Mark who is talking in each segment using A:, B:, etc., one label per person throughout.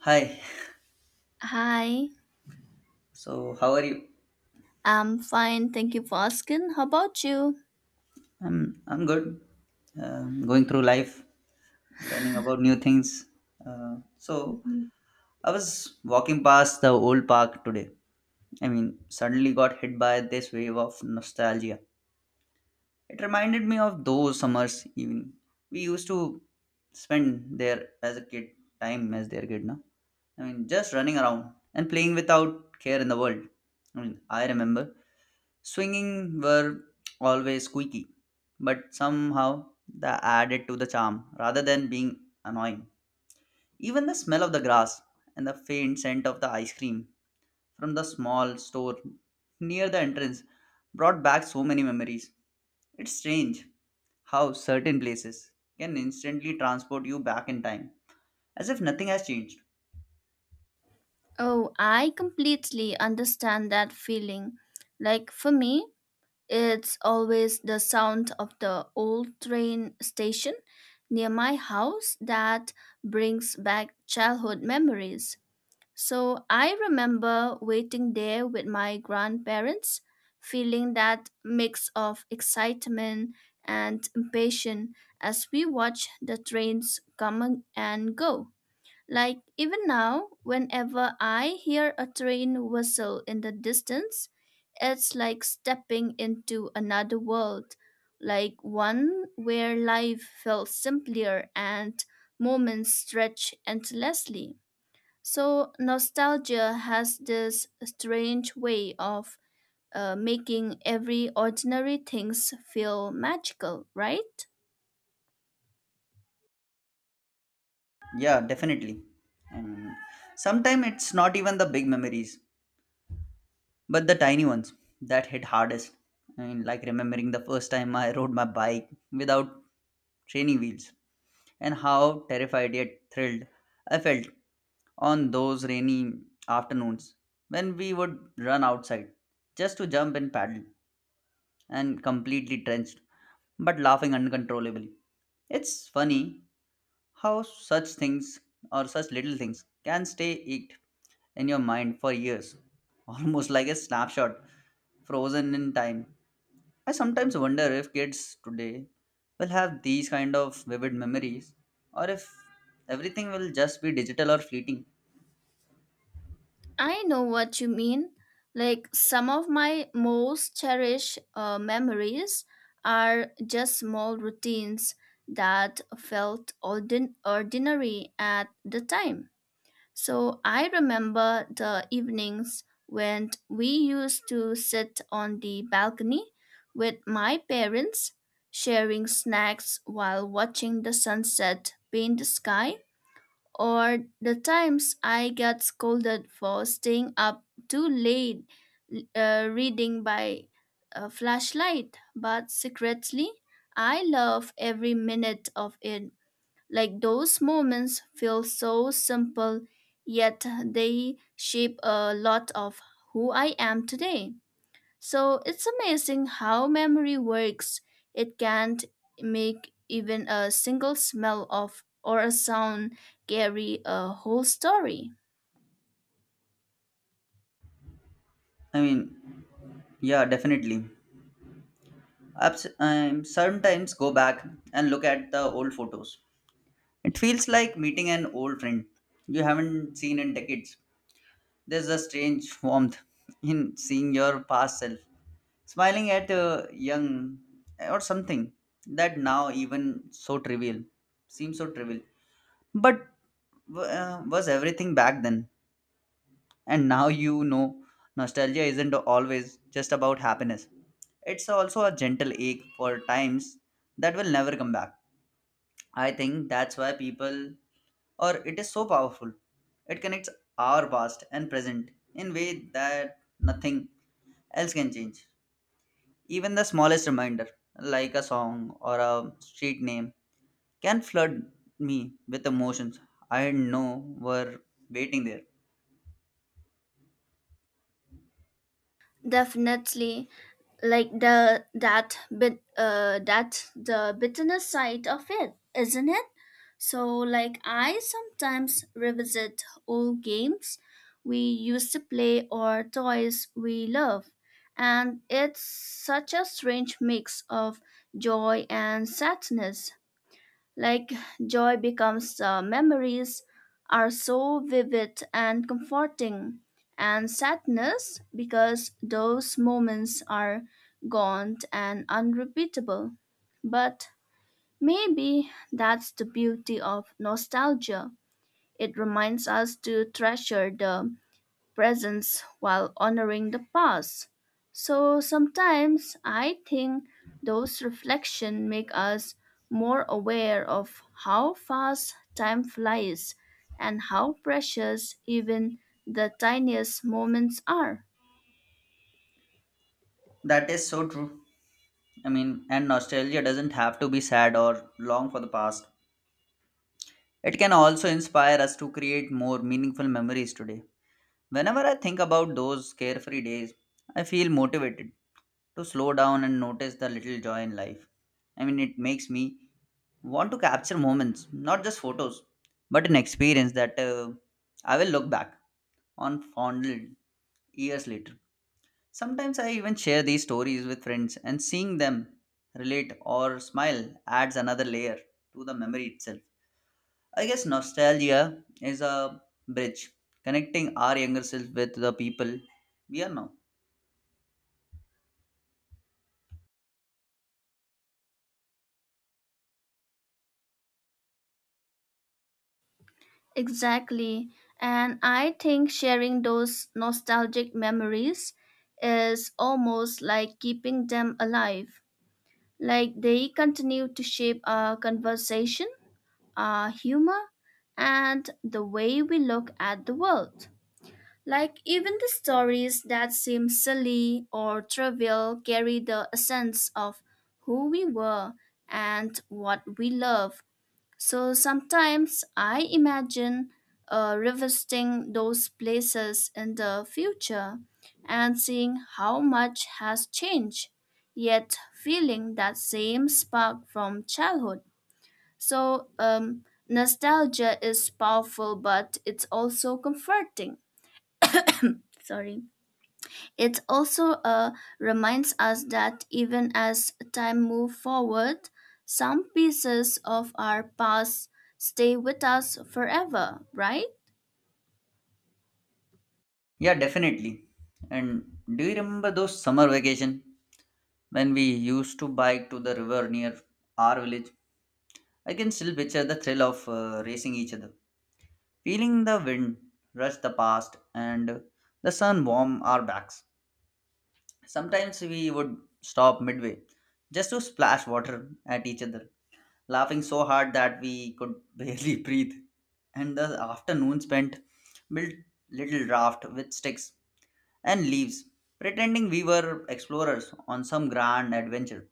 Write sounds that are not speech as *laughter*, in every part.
A: Hi.
B: Hi,
A: So, how are you?
B: I'm fine. Thank you for asking. How about you?
A: I'm good. Going through life, learning about new things. Uh, so,
B: Mhm.
A: I was walking past the old park today. I mean, suddenly got hit by this wave of nostalgia. It reminded me of those summers evening we used to spend there as a kid, time as their kid, no? I mean, just running around and playing without care in the world. I mean, I remember. Swinging were always squeaky, but somehow they added to the charm rather than being annoying. Even the smell of the grass and the faint scent of the ice cream from the small store near the entrance brought back so many memories. It's strange how certain places can instantly transport you back in time, as if nothing has changed.
B: Oh, I completely understand that feeling. Like for me, it's always the sound of the old train station near my house that brings back childhood memories. So I remember waiting there with my grandparents, feeling that mix of excitement and impatience as we watched the trains come and go. Like even now, whenever I hear a train whistle in the distance, it's like stepping into another world, like one where life felt simpler and moments stretch endlessly. So nostalgia has this strange way of making every ordinary things feel magical, right?
A: Yeah, definitely. And sometimes it's not even the big memories, but the tiny ones that hit hardest. I mean, like remembering the first time I rode my bike without training wheels and how terrified yet thrilled I felt on those rainy afternoons when we would run outside just to jump and paddle and completely drenched but laughing uncontrollably. It's funny how such things or such little things can stay inked in your mind for years, *laughs* almost like a snapshot frozen in time. I sometimes wonder if kids today will have these kind of vivid memories or if everything will just be digital or fleeting.
B: I know what you mean. Like some of my most cherished memories are just small routines that felt ordinary at the time. So I remember the evenings when we used to sit on the balcony with my parents, sharing snacks while watching the sunset paint the sky, or the times I got scolded for staying up too late reading by a flashlight, but secretly I love every minute of it, like those moments feel so simple, yet they shape a lot of who I am today. So it's amazing how memory works. It can't make even a single smell of or a sound carry a whole story.
A: I mean, yeah, definitely. I sometimes go back and look at the old photos. It feels like meeting an old friend you haven't seen in decades. There's a strange warmth in seeing your past self, smiling at young or something that now even so trivial seems so trivial. But was everything back then? And now you know nostalgia isn't always just about happiness. It's also a gentle ache for times that will never come back. I think that's why people or it is so powerful. It connects our past and present in way that nothing else can change. Even the smallest reminder, like a song or a street name, can flood me with emotions I didn't know were waiting there.
B: Definitely. Like the that bit that the bitterness side of it, isn't it? So like I sometimes revisit old games we used to play or toys we love, and it's such a strange mix of joy and sadness. Like joy becomes memories are so vivid and comforting, and sadness because those moments are gone and unrepeatable. But maybe that's the beauty of nostalgia. It reminds us to treasure the presence while honoring the past. So sometimes I think those reflections make us more aware of how fast time flies and how precious even the tiniest moments are.
A: That is so true. I mean, and nostalgia doesn't have to be sad or long for the past. It can also inspire us to create more meaningful memories today. Whenever I think about those carefree days, I feel motivated to slow down and notice the little joy in life. I mean, it makes me want to capture moments, not just photos, but an experience that I will look back on fondly years later. Sometimes I even share these stories with friends, and seeing them relate or smile adds another layer to the memory itself. I guess nostalgia is a bridge connecting our younger self with the people we are now.
B: Exactly. And I think sharing those nostalgic memories is almost like keeping them alive, like they continue to shape our conversation, our humor, and the way we look at the world. Like, even the stories that seem silly or trivial carry the essence of who we were and what we love. So sometimes I imagine revisiting those places in the future and seeing how much has changed, yet feeling that same spark from childhood. So, nostalgia is powerful, but it's also comforting. Sorry. It also reminds us that even as time moves forward, some pieces of our past stay with us forever, right?
A: Yeah, definitely. And do you remember those summer vacation when we used to bike to the river near our village? I can still picture the thrill of racing each other, feeling the wind rush the past and the sun warm our backs. Sometimes we would stop midway just to splash water at each other, laughing so hard that we could barely *laughs* breathe. And the afternoon spent built little raft with sticks and leaves, pretending we were explorers on some grand adventure.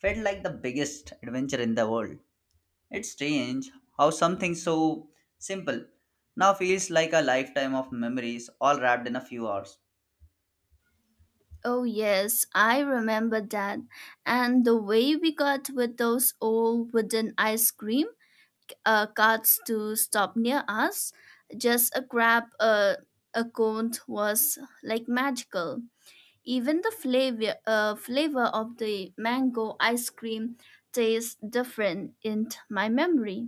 A: Felt like the biggest adventure in the world. It's strange how something so simple now feels like a lifetime of memories all wrapped in a few hours.
B: Oh, yes, I remember that. And the way we got with those old wooden ice cream carts to stop near us. Just a grab a cone was like magical. Even the flavor of the mango ice cream tastes different in my memory,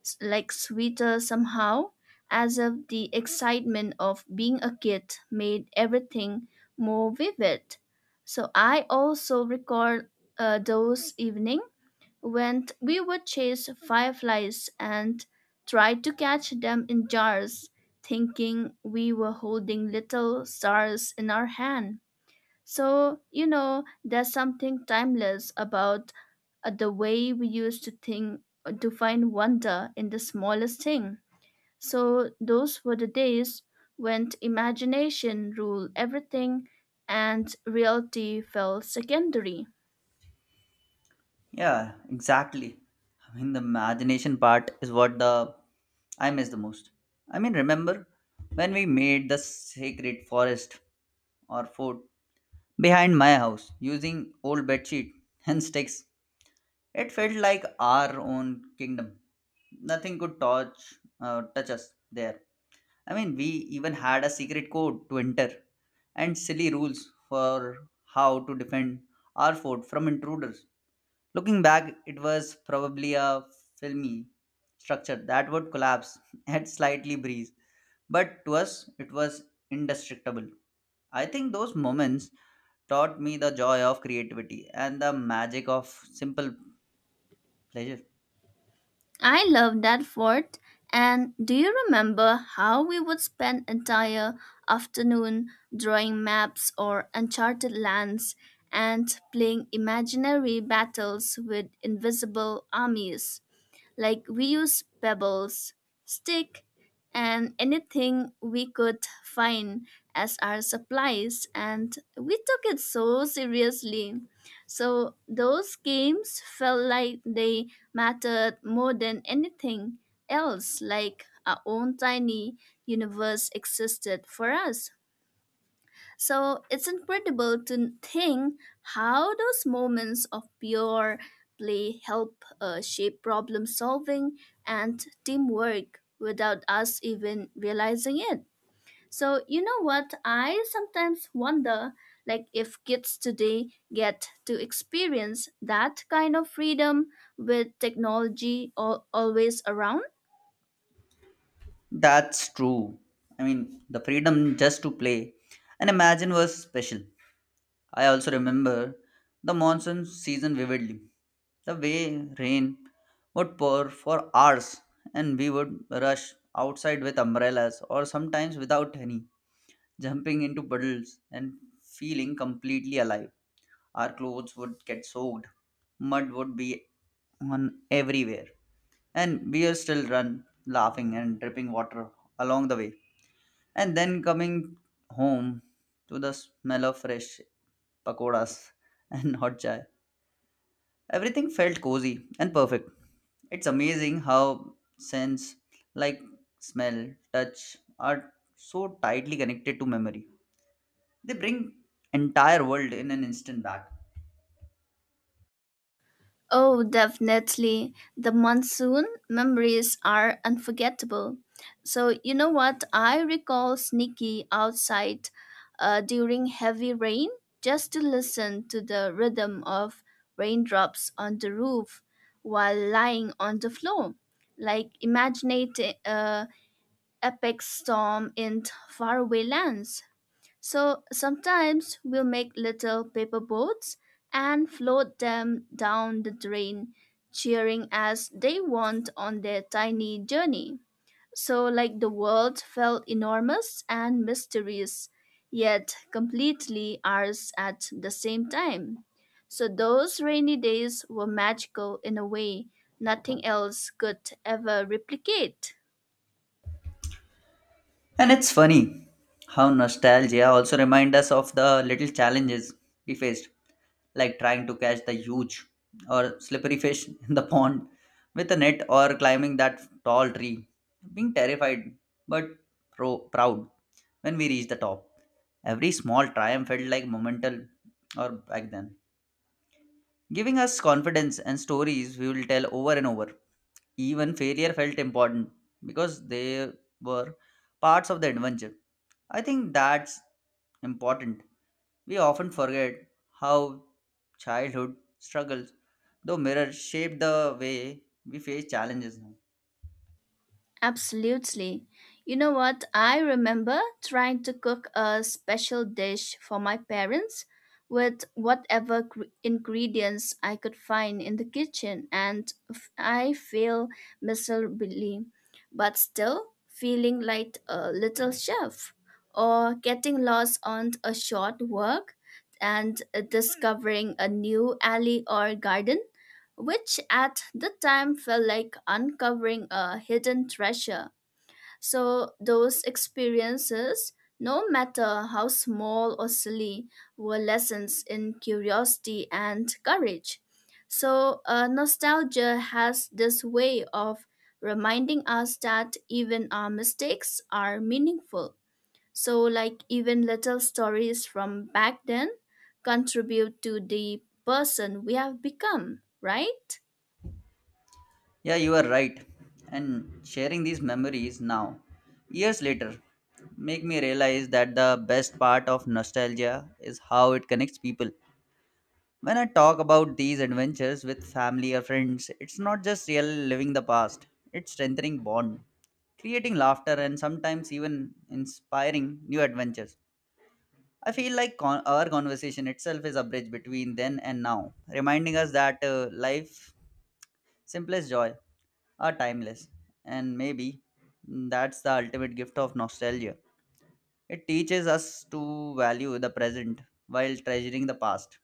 B: like sweeter somehow, as if the excitement of being a kid made everything more vivid. So I also recall those evenings when we would chase fireflies and try to catch them in jars, thinking we were holding little stars in our hand. So, you know, there's something timeless about the way we used to think to find wonder in the smallest thing. So, those were the days when imagination ruled everything and reality felt secondary.
A: Yeah, exactly. I mean, the imagination part is what the I miss the most. I mean, remember when we made the sacred forest or fort behind my house using old bedsheet and sticks? It felt like our own kingdom. Nothing could touch touch us there. I mean, we even had a secret code to enter and silly rules for how to defend our fort from intruders. Looking back, it was probably a filmy structure that would collapse *laughs* at slightly breeze, but to us, it was indestructible. I think those moments taught me the joy of creativity and the magic of simple pleasure.
B: I love that fort. And do you remember how we would spend entire afternoon drawing maps or uncharted lands and playing imaginary battles with invisible armies? Like we use pebbles, stick, and anything we could find as our supplies, and we took it so seriously. So those games felt like they mattered more than anything else, like our own tiny universe existed for us. So it's incredible to think how those moments of pure play help shape problem solving and teamwork without us even realizing it. So, you know what? I sometimes wonder, like if kids today get to experience that kind of freedom with technology always around.
A: That's true. I mean, the freedom just to play and imagine was special. I also remember the monsoon season vividly. The way rain would pour for hours and we would rush outside with umbrellas or sometimes without any, jumping into puddles and feeling completely alive. Our clothes would get soaked, mud would be on everywhere, and we would still run laughing and dripping water along the way. And then coming home to the smell of fresh pakoras *laughs* and hot chai. Everything felt cozy and perfect. It's amazing how sense like smell, touch are so tightly connected to memory. They bring entire world in an instant back.
B: Oh, definitely. The monsoon memories are unforgettable. So, you know what? I recall sneaky outside during heavy rain just to listen to the rhythm of raindrops on the roof while lying on the floor. Like, imagining a epic storm in faraway lands. So sometimes we'll make little paper boats and float them down the drain, cheering as they want on their tiny journey. So, like the world felt enormous and mysterious, yet completely ours at the same time. So, those rainy days were magical in a way nothing else could ever replicate.
A: And it's funny how nostalgia also reminds us of the little challenges we faced, like trying to catch the huge or slippery fish *laughs* in the pond with a net or climbing that tall tree, being terrified but proud when we reached the top. Every small triumph felt like momental or back then giving us confidence and stories we will tell over and over. Even failure felt important because they were parts of the adventure. I think that's important. We often forget how childhood struggles, though mirrors, shape the way we face challenges now.
B: Absolutely. You know what? I remember trying to cook a special dish for my parents with whatever ingredients I could find in the kitchen, and I failed miserably, but still feeling like a little chef, or getting lost on a short walk and discovering a new alley or garden which at the time felt like uncovering a hidden treasure. So, those experiences, no matter how small or silly, were lessons in curiosity and courage. So, nostalgia has this way of reminding us that even our mistakes are meaningful. So, like, even little stories from back then contribute to the person we have become, right?
A: Yeah, you are right. And sharing these memories now, years later, make me realize that the best part of nostalgia is how it connects people. When I talk about these adventures with family or friends, it's not just real living the past, it's strengthening bond, creating laughter and sometimes even inspiring new adventures. I feel like our conversation itself is a bridge between then and now, reminding us that life's simplest joy are timeless and maybe that's the ultimate gift of nostalgia. It teaches us to value the present while treasuring the past.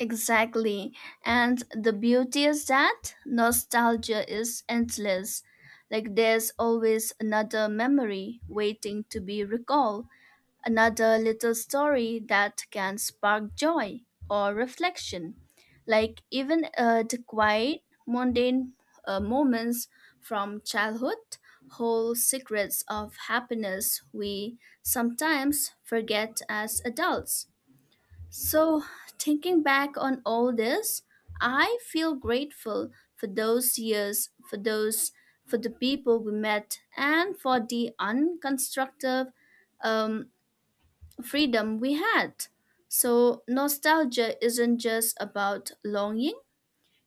B: Exactly. And the beauty is that nostalgia is endless. Like there's always another memory waiting to be recalled, another little story that can spark joy or reflection. Like even the quiet, mundane moments from childhood hold secrets of happiness we sometimes forget as adults. So, thinking back on all this, I feel grateful for those years, for those, for the people we met, and for the unconstructive um, freedom we had. So, nostalgia isn't just about longing,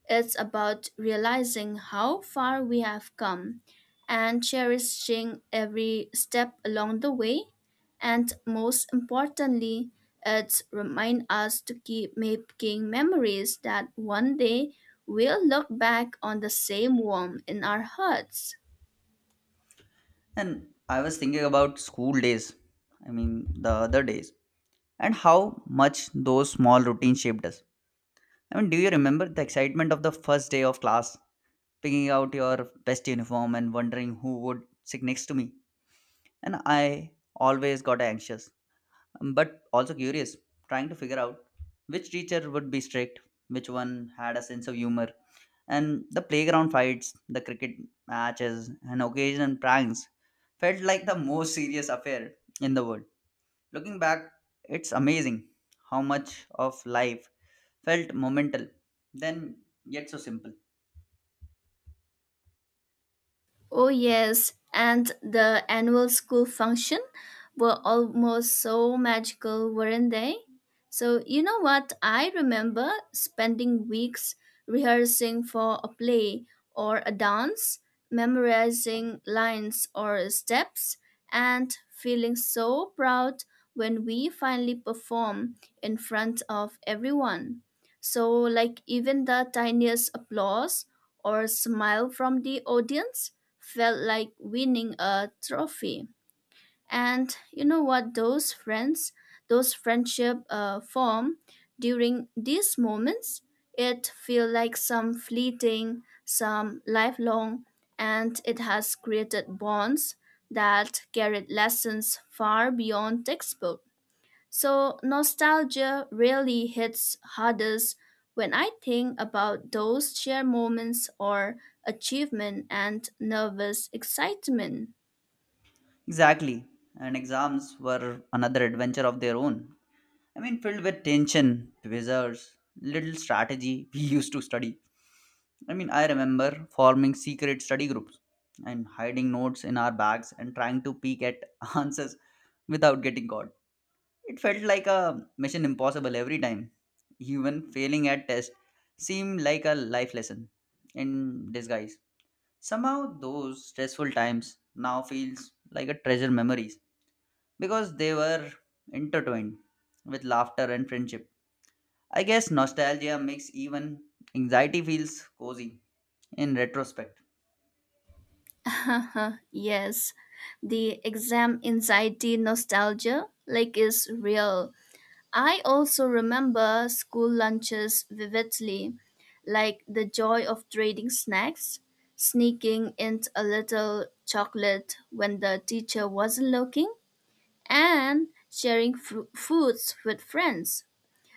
B: it's about realizing how far we have come and cherishing every step along the way. And most importantly, it reminds us to keep making memories that one day we'll look back on the same warmth in our hearts.
A: And I was thinking about school days, I mean, the other days, and how much those small routines shaped us. I mean, do you remember the excitement of the first day of class, picking out your best uniform and wondering who would sit next to me? And I always got anxious but also curious, trying to figure out which teacher would be strict, which one had a sense of humor. And the playground fights, the cricket matches, and occasional pranks felt like the most serious affair in the world. Looking back, it's amazing how much of life felt momental, then yet so simple.
B: Oh, yes, and the annual school function were almost so magical, weren't they? So, you know what? I remember spending weeks rehearsing for a play or a dance, memorizing lines or steps, and feeling so proud when we finally perform in front of everyone. So, like, even the tiniest applause or smile from the audience felt like winning a trophy. And you know what? Those friends, those friendship form during these moments, it feel like some fleeting, some lifelong, and it has created bonds that carried lessons far beyond textbook. So nostalgia really hits hardest when I think about those shared moments or achievement and nervous excitement.
A: Exactly. And exams were another adventure of their own. I mean, filled with tension, quizzes, little strategy we used to study. I mean, I remember forming secret study groups and hiding notes in our bags and trying to peek at *laughs* answers without getting caught. It felt like a mission impossible every time. Even failing at tests seemed like a life lesson in disguise. Somehow those stressful times now feels like a treasure memories because they were intertwined with laughter and friendship. I guess nostalgia makes even anxiety feels cozy in retrospect.
B: *laughs* Yes, the exam anxiety nostalgia, like, is real. I also remember school lunches vividly, like the joy of trading snacks, sneaking in a little chocolate when the teacher wasn't looking and sharing fru foods with friends.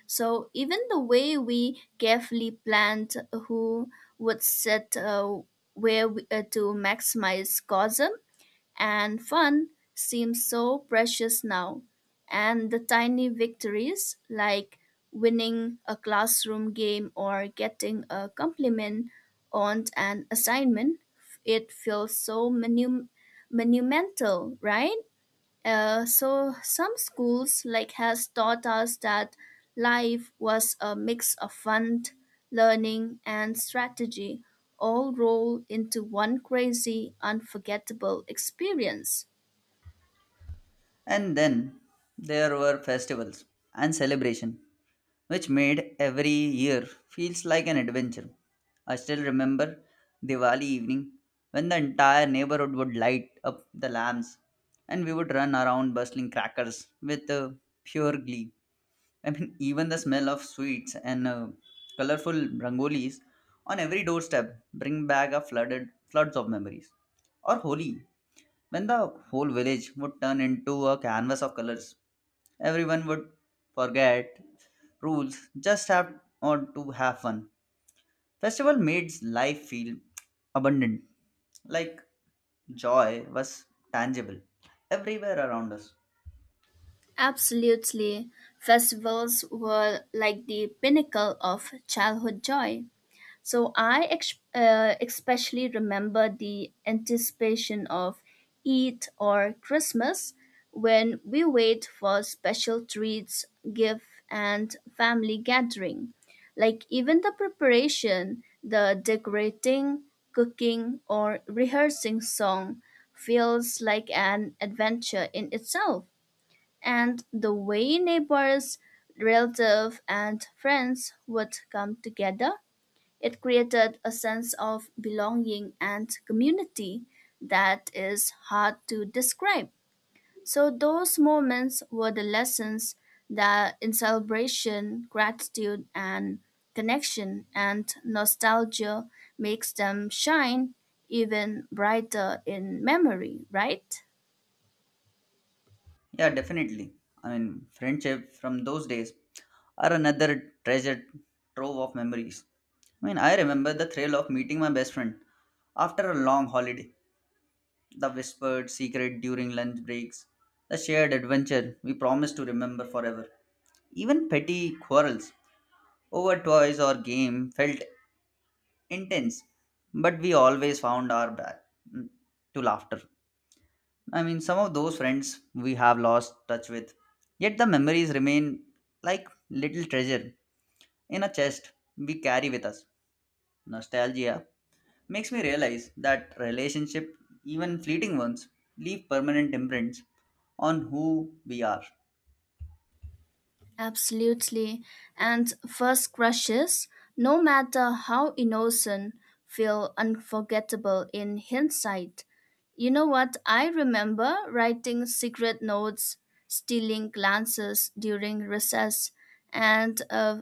B: So even the way we carefully planned who would sit where we, to maximize cosm and fun seems so precious now. And the tiny victories like winning a classroom game or getting a compliment on an assignment, it feels so monumental, right? So some schools, like, has taught us that life was a mix of fun, learning, and strategy, all rolled into one crazy, unforgettable experience.
A: And then there were festivals and celebration, which made every year feels like an adventure. I still remember Diwali evening when the entire neighborhood would light up the lamps and we would run around bustling crackers with pure glee. I mean, *laughs* even the smell of sweets and colorful rangolis on every doorstep bring back a flooded floods of memories. Or Holi, when the whole village would turn into a canvas of colors, everyone would forget rules, just have on to have fun. Festival made life feel abundant, like joy was tangible everywhere around us.
B: Absolutely. Festivals were like the pinnacle of childhood joy. So I especially remember the anticipation of Eid or Christmas when we wait for special treats, gift, and family gathering. Like even the preparation, the decorating, cooking, or rehearsing song feels like an adventure in itself, and the way neighbors, relatives, and friends would come together. It created a sense of belonging and community that is hard to describe. So, those moments were the lessons that in celebration, gratitude, and connection and nostalgia makes them shine even brighter in memory, right?
A: Yeah, definitely. I mean, friendship from those days are another treasure trove of memories. I mean, I remember the thrill of meeting my best friend after a long holiday, the whispered secret during lunch breaks, the shared adventure we promised to remember forever. Even petty quarrels over toys or game felt intense, but we always found our back, mm, to laughter. I mean, some of those friends we have lost touch with, yet the memories remain like little treasure in a chest we carry with us. Nostalgia makes me realize that relationship, even fleeting ones, leave permanent imprints on who we are.
B: Absolutely. And first crushes, no matter how innocent, feel unforgettable in hindsight. You know what? I remember writing secret notes, stealing glances during recess, and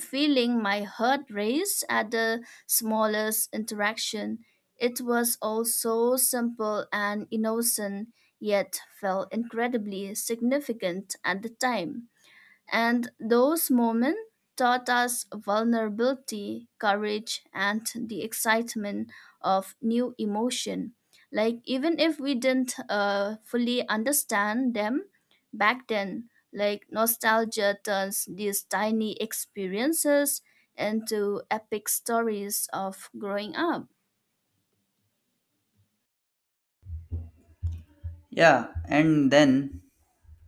B: feeling my heart race at the smallest interaction. It was all so simple and innocent, yet felt incredibly significant at the time. And those moments taught us vulnerability, courage, and the excitement of new emotion. Like, even if we didn't fully understand them back then, like, nostalgia turns these tiny experiences into epic stories of growing up.
A: Yeah, and then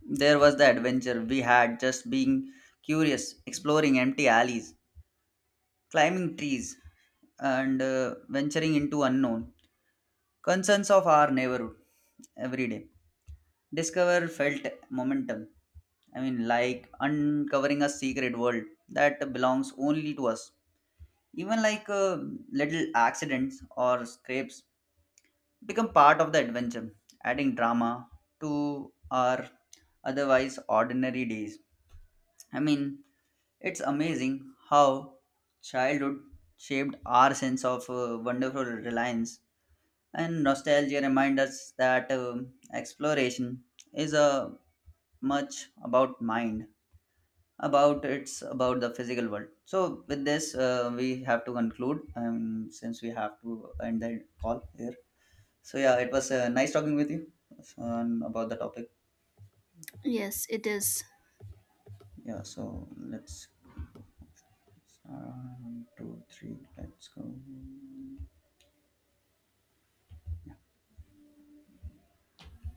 A: there was the adventure we had just being curious, exploring empty alleys, climbing trees, and venturing into unknown concerns of our neighborhood every day. Discover felt momentum. I mean, like uncovering a secret world that belongs only to us. Even little accidents or scrapes become part of the adventure, adding drama to our otherwise ordinary days. I mean, it's amazing how childhood shaped our sense of wonderful reliance and nostalgia reminds us that exploration is a much about mind about it's about the physical world. So with this, we have to conclude, since we have to end the call here. So yeah, it was nice talking with you about the topic.
B: Yes, it is.
A: Yeah, so let's, one, two three, let's go.